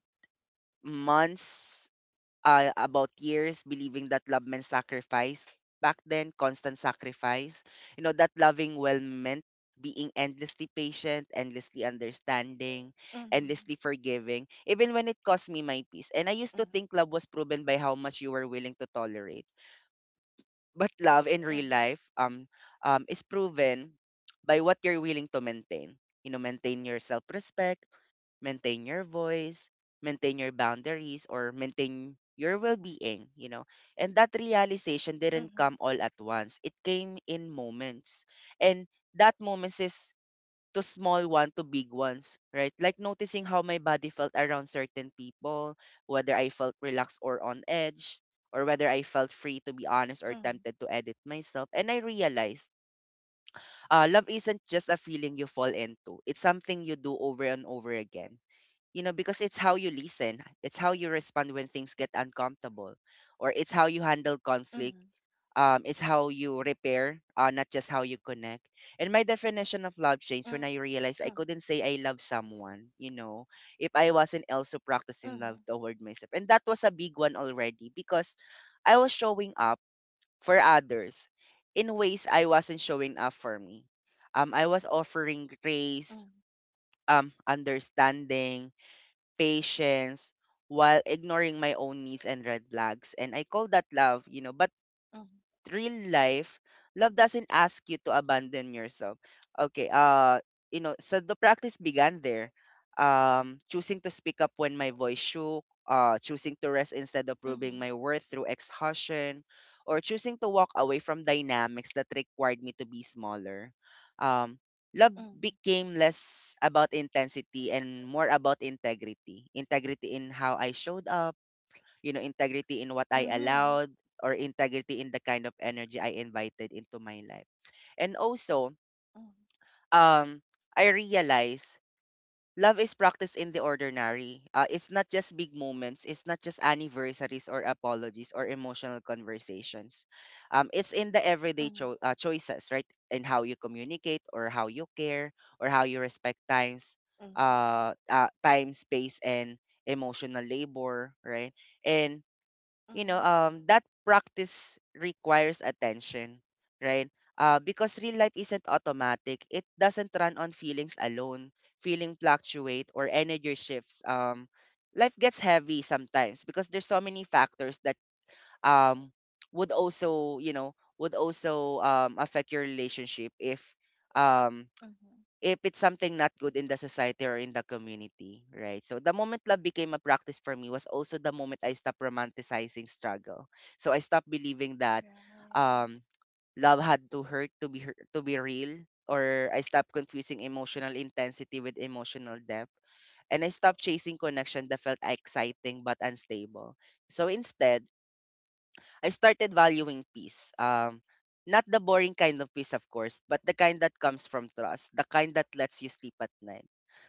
months, about years, believing that love meant sacrifice. Back then, constant sacrifice. You know, that loving well meant being endlessly patient, endlessly Mhm. Mhm. Mhm. Mhm. understanding, Mhm. endlessly forgiving, even when it cost me my peace. And I used to think love was proven by how much you were willing to tolerate. But love in real life is proven by what you're willing to maintain. You know, maintain your self respect, maintain your voice, maintain your boundaries, or maintain your well being, you know. And that realization didn't come all at once, it came in moments. And that moments is to small one to big ones, right? Like noticing how my body felt around certain people, whether I felt relaxed or on edge, or whether I felt free to be honest or tempted to edit myself. And I realized love isn't just a feeling you fall into. It's something you do over and over again, you know, because it's how you listen, it's how you respond when things get uncomfortable, or it's how you handle Mhm. conflict, it's how you repair, not just how you connect. And my definition of love changed when I realized I couldn't say I love someone, you know, if I wasn't Mhm. also practicing love toward myself, and that was a big one already, because I was showing up for others in ways I wasn't showing up for me. I was offering Mhm. grace, understanding, patience, while ignoring my own needs and red flags. And I call that love, you know. But Mhm. real life, love doesn't ask you to abandon yourself. Okay, so the practice began there. Choosing to speak up when my voice shook, choosing to rest instead of Mhm. proving my worth through exhaustion, or choosing to walk away from dynamics that required me to be smaller. Um, Love Mhm. became less about intensity and more about integrity. Integrity in how I showed up, you know, integrity in what I Mhm. allowed, or integrity in the kind of energy I invited into my life. And also, Mhm. um, I realize love is practiced in the ordinary. It's not just big moments. It's not just anniversaries or apologies or emotional conversations. It's in the Mhm. everyday choices, right? In how you communicate, or how you care, or how you respect times, Mhm. Time, space, and emotional labor, right? And Mhm. That practice requires attention, right? Because real life isn't automatic. It doesn't run on feelings alone. Feeling fluctuate or energy shifts. Life gets heavy sometimes because there's so many factors that um would also, affect your relationship, if um Mhm. if it's something not good in the society or in the community, right? So the moment love became a practice for me was also the moment I stopped romanticizing struggle. So I stopped believing that Right. um, love had to hurt, to be real, or I stopped confusing emotional intensity with emotional depth, and I stopped chasing connection that felt exciting but unstable. So instead, I started valuing peace. Not the boring kind of peace, of course, but the kind that comes from trust, the kind that lets you sleep at night,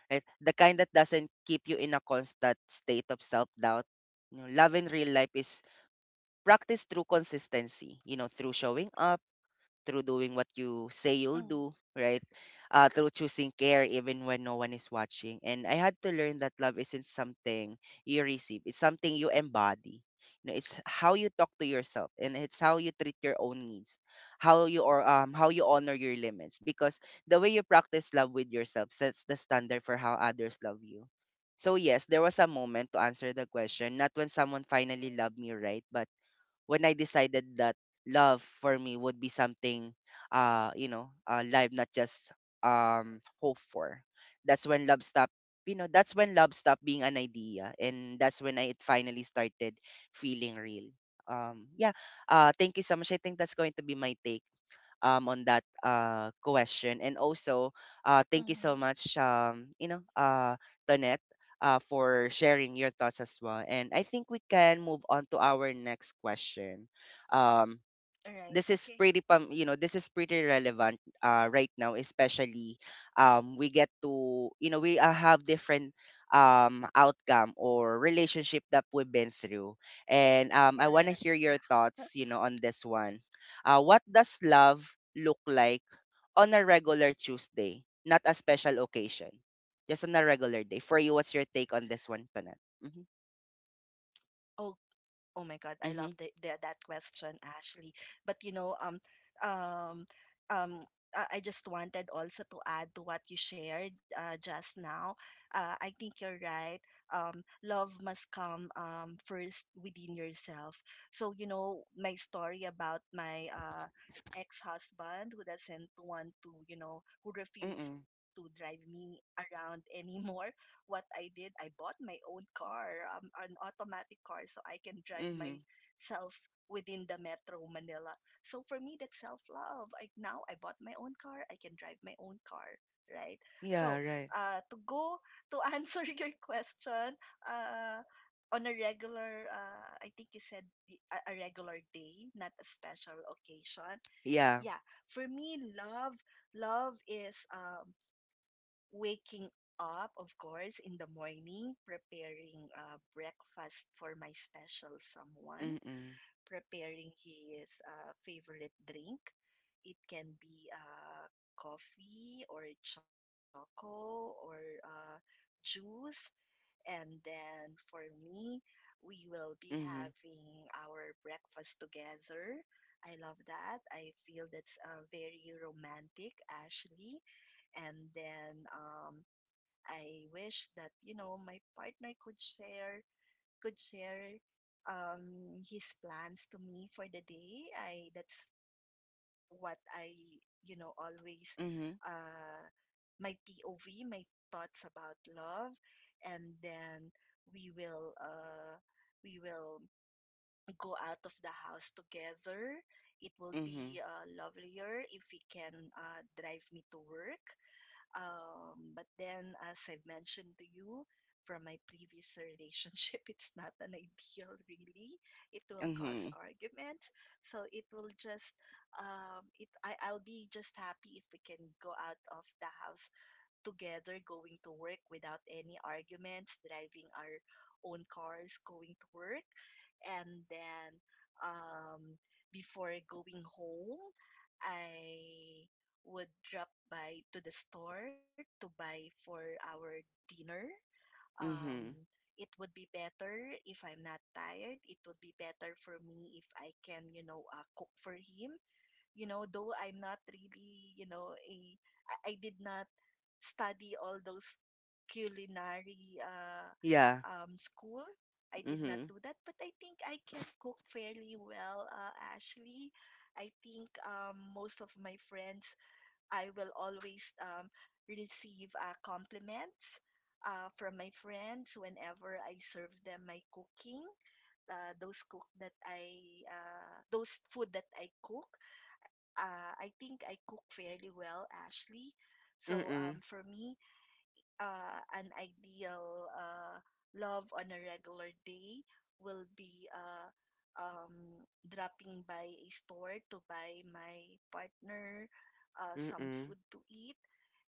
right? The kind that doesn't keep you in a constant state of self-doubt. You know, love in real life is practiced through consistency, you know, through showing up, through doing what you say you'll Mhm. do, right? Through choosing care even when no one is watching. And I had to learn that love isn't something you receive, it's something you embody. You know, it's how you talk to yourself and it's how you treat your own needs, how you, or how you honor your limits. Because the way you practice love with yourself sets the standard for how others love you. So yes, there was a moment to answer the question, not when someone finally loved me right, but when I decided that love for me would be something, live, not just hope for. that's when love stopped that's when love stopped being an idea, and that's when it finally started feeling real. um yeah Thank you so much, I think that's going to be my take, on that question. And also, Mhm. thank you so much, Tonette, for sharing your thoughts as well. And I think we can move on to our next question. Um, All right. this is Okay. pretty pam you know this is pretty relevant right now especially we get to we have different outcome or relationship that we've been through and I want to Correct. hear Yeah. your thoughts on this one what does love look like on a regular tuesday not a special occasion just on a regular day for you what's your take on this one Tonat? Mm-hmm. Oh my God, I love Mm-hmm. That question, Ashley. But you know, um, um, I just wanted also to add to what you shared just now. I think you're right. Love must come first within yourself. So, you know, my story about my ex-husband who doesn't want to, you know, who Mm-hmm. refused to drive me around anymore, what I did, I bought my own car, an automatic car, so I can drive Mm-hmm. myself within the Metro Manila. So for me, that's self love. Like now, I bought my own car, I can drive my own car, right? Yeah, So right. uh, to go to answer your question, uh, on a regular, I think you said a regular day, not a special occasion. Yeah. Yeah, for me, love is waking up, of course, in the morning, preparing breakfast for my special someone, Mm-hmm. preparing his favorite drink. It can be coffee or choco or juice. And then for me, we will be Mm-hmm. having our breakfast together. I love that. I feel that's very romantic, Ashley. And then I wish that you know my partner could share his plans to me for the day. I that's what I you know always Mhm. uh my POV, my thoughts about love, and then we will uh we will go out of the house together. It will be Mhm. Lovelier if we can drive me to work, but then, as I've mentioned to you from my previous relationship, it's not an ideal, really. It will cause Mhm. arguments. So it will just, it I'll be just happy if we can go out of the house together going to work without any arguments, driving our own cars going to work. And then um, before going home, I would drop by to the store to buy for our dinner. Um, Mhm. it would be better if I'm not tired. It would be better for me if I can, you know, cook for him, you know, though I'm not really, you know, I did not study all those culinary Yeah. School. I did not Mhm. do that, but I think I can cook fairly well, Ashley. I think most of my friends, I will always receive compliments from my friends whenever I serve them my cooking, those food that I cook, I think I cook fairly well, Ashley. So Mhm. for me, an ideal love on a regular day will be dropping by a store to buy my partner some Mhm. food to eat.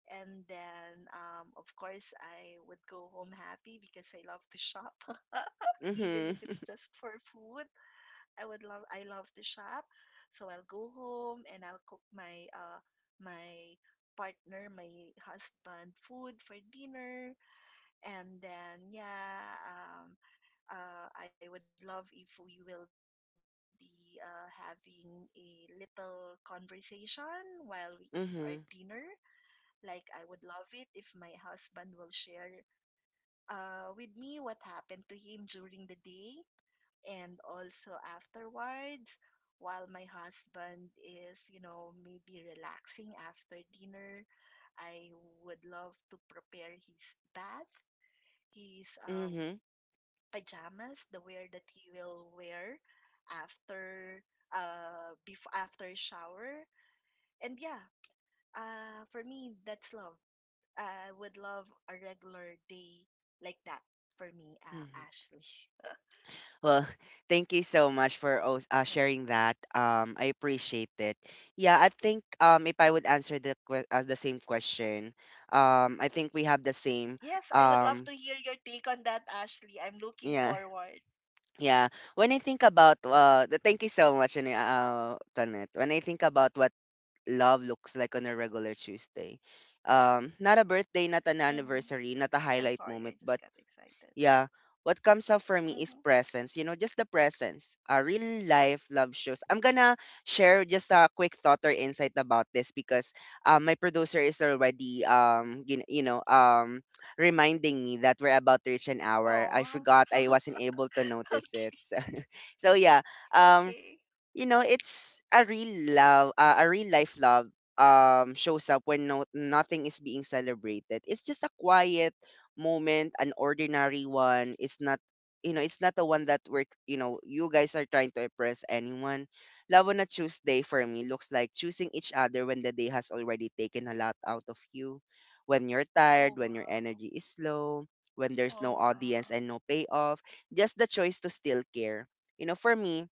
And then, of course, I would go home happy because I love to shop, even Mhm. if it's just for food. I love to shop. So I'll go home and I'll cook my my partner, my husband food for dinner and then yeah, I would love if we will be having a little conversation while we eat our dinner. Mhm. Like, I would love it if my husband will share with me what happened to him during the day and also afterwards while my husband is, you know, maybe relaxing after dinner, I would love to prepare his bath, his Mhm. pajamas, the wear that he will wear after, before after shower. And yeah, for me that's love. I would love a regular day like that for me, Mhm. Ashley. Well, thank you so much for Yeah. sharing that. I appreciate it. Yeah, I think if I would answer the the same question, I think we have the same. Yes, I would love to Um, hear your take on that, Ashley. I'm looking yeah, forward. yeah. When I think about thank you so much, Tonet. When I think about what love looks like on a regular Tuesday. Not a birthday, not an anniversary, not Mm-hmm. a highlight I'm moment, but sorry, I just got yeah, excited. what comes up for me is presence. You know, Mm-hmm. just the presence. A real life love shows. I'm gonna share just a quick thought or insight about this because my producer is already you know reminding me that we're about to reach an hour. I forgot I wasn't Oh, able to okay, notice it. So yeah, um, you know, okay. it's a real love, a real life love shows up when nothing is being celebrated. It's just a quiet moment, an ordinary one. It's not you know, it's not the one that we're you know, you guys are trying to impress anyone. Love on a Tuesday for me looks like choosing each other when the day has already taken a lot out of you. When you're tired, when your energy is Oh wow. low, when there's no audience and no Oh payoff, wow. just the choice to still care. You know, for me,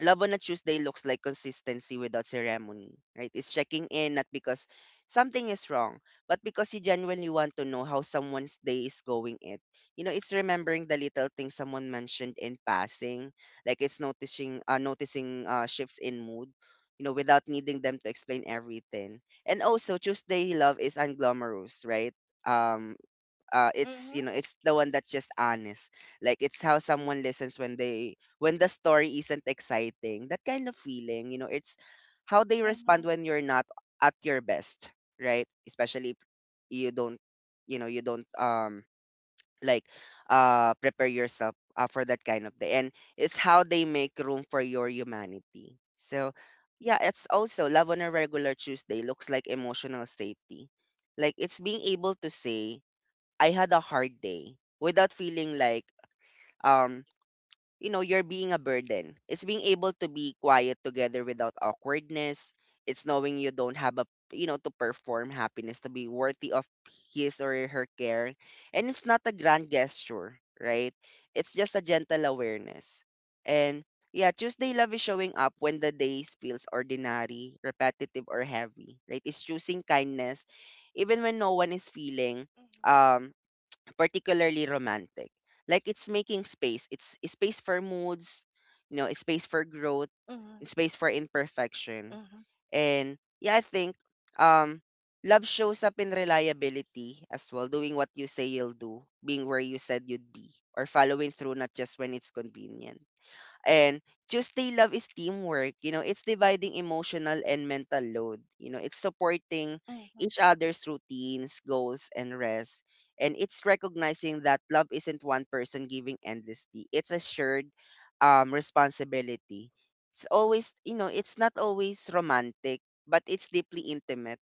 Love on a Tuesday Mm-hmm. looks like consistency without ceremony, right? It's checking in not because something is wrong, but because you genuinely want to know how someone's day is going it. You know, it's remembering the little things someone mentioned in passing, like it's noticing shifts in mood, you know, without needing them to explain everything. And also Tuesday love is unglamorous, right? Um it's you know it's the Mm-hmm. one that's just honest like it's how someone listens when the story isn't exciting that kind of feeling you know it's how they respond when you're not Mm-hmm. at your best right especially if you don't you know you don't like prepare yourself for that kind of day and it's how they make room for your humanity so yeah it's also love on a regular tuesday looks like emotional safety like it's being able to say I had a hard day without feeling like um you know you're being a burden. It's being able to be quiet together without awkwardness. It's knowing you don't have a you know to perform happiness to be worthy of his or her care. And it's not a grand gesture, right? It's just a gentle awareness. And yeah, Tuesday love is showing up when the day feels ordinary, repetitive or heavy, right? It's choosing kindness even when no one is feeling um particularly romantic. Like it's making space. It's a space for moods, you know, a space for growth, a space Mm-hmm. for imperfection. Mm-hmm. And yeah, I think um love shows up in reliability as well, doing what you say you'll do, being where you said you'd be, or following through not just when it's convenient. And Tuesday love is teamwork. You know, it's dividing emotional and mental load. You know, it's supporting each Mm-hmm. other's routines, goals, and rest. And it's recognizing that love isn't one person giving endlessly. It's a shared responsibility. It's always, you know, it's not always romantic, but it's deeply intimate,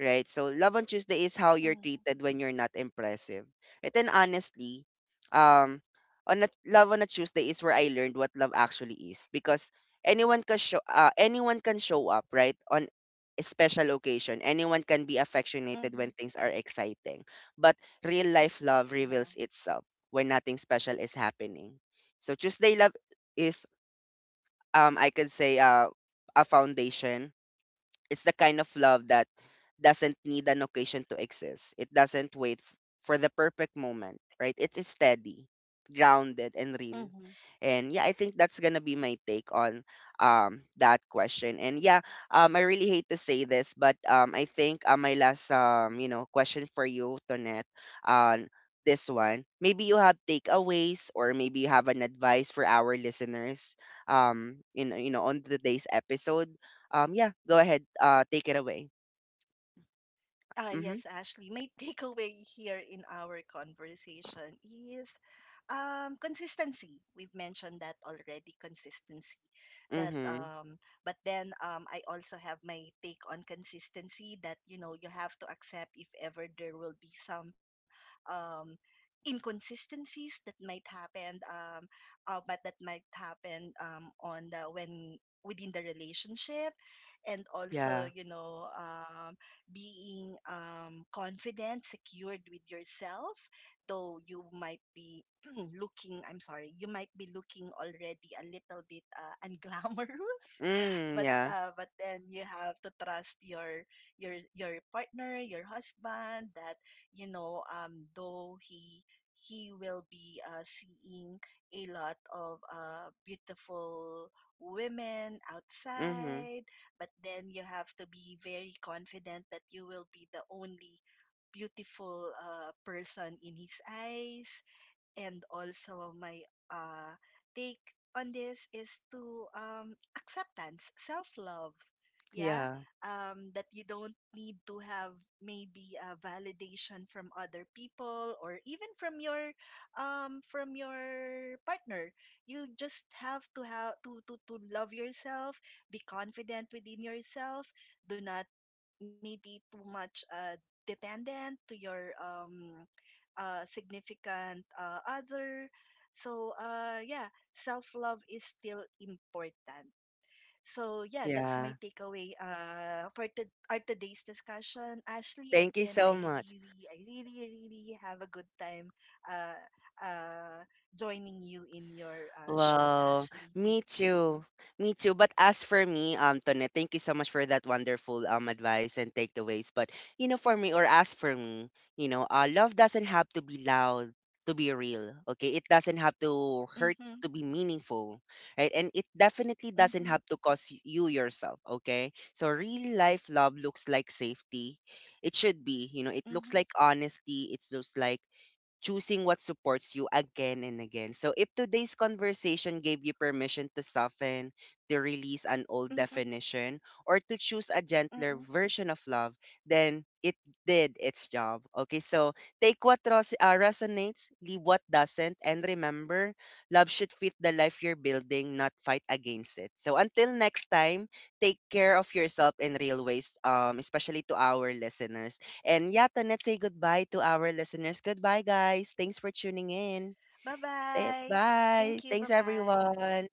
right? So love on Tuesday is how you're Mm-hmm. treated when you're not impressive. Right. And then honestly, um, love on a Tuesday is where I learned what love actually is because anyone can show up right on a special occasion. Anyone can be affectionated when Mm-hmm. things are exciting, but real life love Yeah. reveals itself when nothing special is happening. So Tuesday love is I could say a foundation, it's the kind of love that doesn't need an occasion to exist. It doesn't wait for the perfect moment, right? It is steady, grounded, and real. Mm-hmm. And yeah, I think that's gonna be my take on that question. And yeah, I really hate to say this, but I think my last you know, question for you, Tonette, on this one, maybe you have takeaways or maybe you have an advice for our listeners in you know on today's episode, yeah, go ahead. Take it away. Ah, Mm-hmm. yes, Ashley. My takeaway here in our conversation is consistency. We've mentioned that already, consistency. That, Mm-hmm. um, but then I also have my take on consistency that, you know, you have to accept if ever there will be some um, inconsistencies that might happen, but that might happen on the when within the relationship, and also, Yeah. you know. Being confident, secured with yourself, though you might be looking, I'm sorry, you might be looking already a little bit unglamorous, Mm, yeah. But then you have to trust your partner, your husband, that you know, though he will be seeing a lot of beautiful women Mm-hmm. outside, but then you have to be very confident that you will be the only beautiful person in his eyes. And also my uh, take on this is to, acceptance, self love. Yeah, Yeah. That you don't need to have maybe a validation from other people or even from your partner. You just have to love yourself, be confident within yourself. Do not maybe too much dependent to your significant other. So, yeah, self love is still important. So, yeah, that's my Yeah. takeaway for our today's discussion. Ashley, Thank you again, so much. I really, really have a good time uh, uh, joining you in your show, Wow, Ashley. me Thank too. you. Me too. But as for me, Tone, thank you so much for that wonderful advice and takeaways. But you know, for me or as for me, you know, love doesn't have to be loud to be real. Okay, it doesn't have to hurt Mm-hmm, to be meaningful, right? And it definitely doesn't mm-hmm, have to cost you yourself. Okay, so real life love looks like safety. It should be, you know, it looks mm-hmm, like honesty. It looks like choosing what supports you again and again. So, if today's conversation gave you permission to soften, to release an old mm-hmm, definition, or to choose a gentler mm-hmm. version of love, then it did its job. Okay, so take what resonates, leave what doesn't, and remember, love should fit the life you're building, not fight against it. So, until next time, take care of yourself in real ways, especially to our listeners. And yeah, to let's say goodbye to our listeners. Goodbye, guys. Thanks for tuning in. Eh, Bye-bye. Thank you. bye. Thanks, Bye-bye. everyone.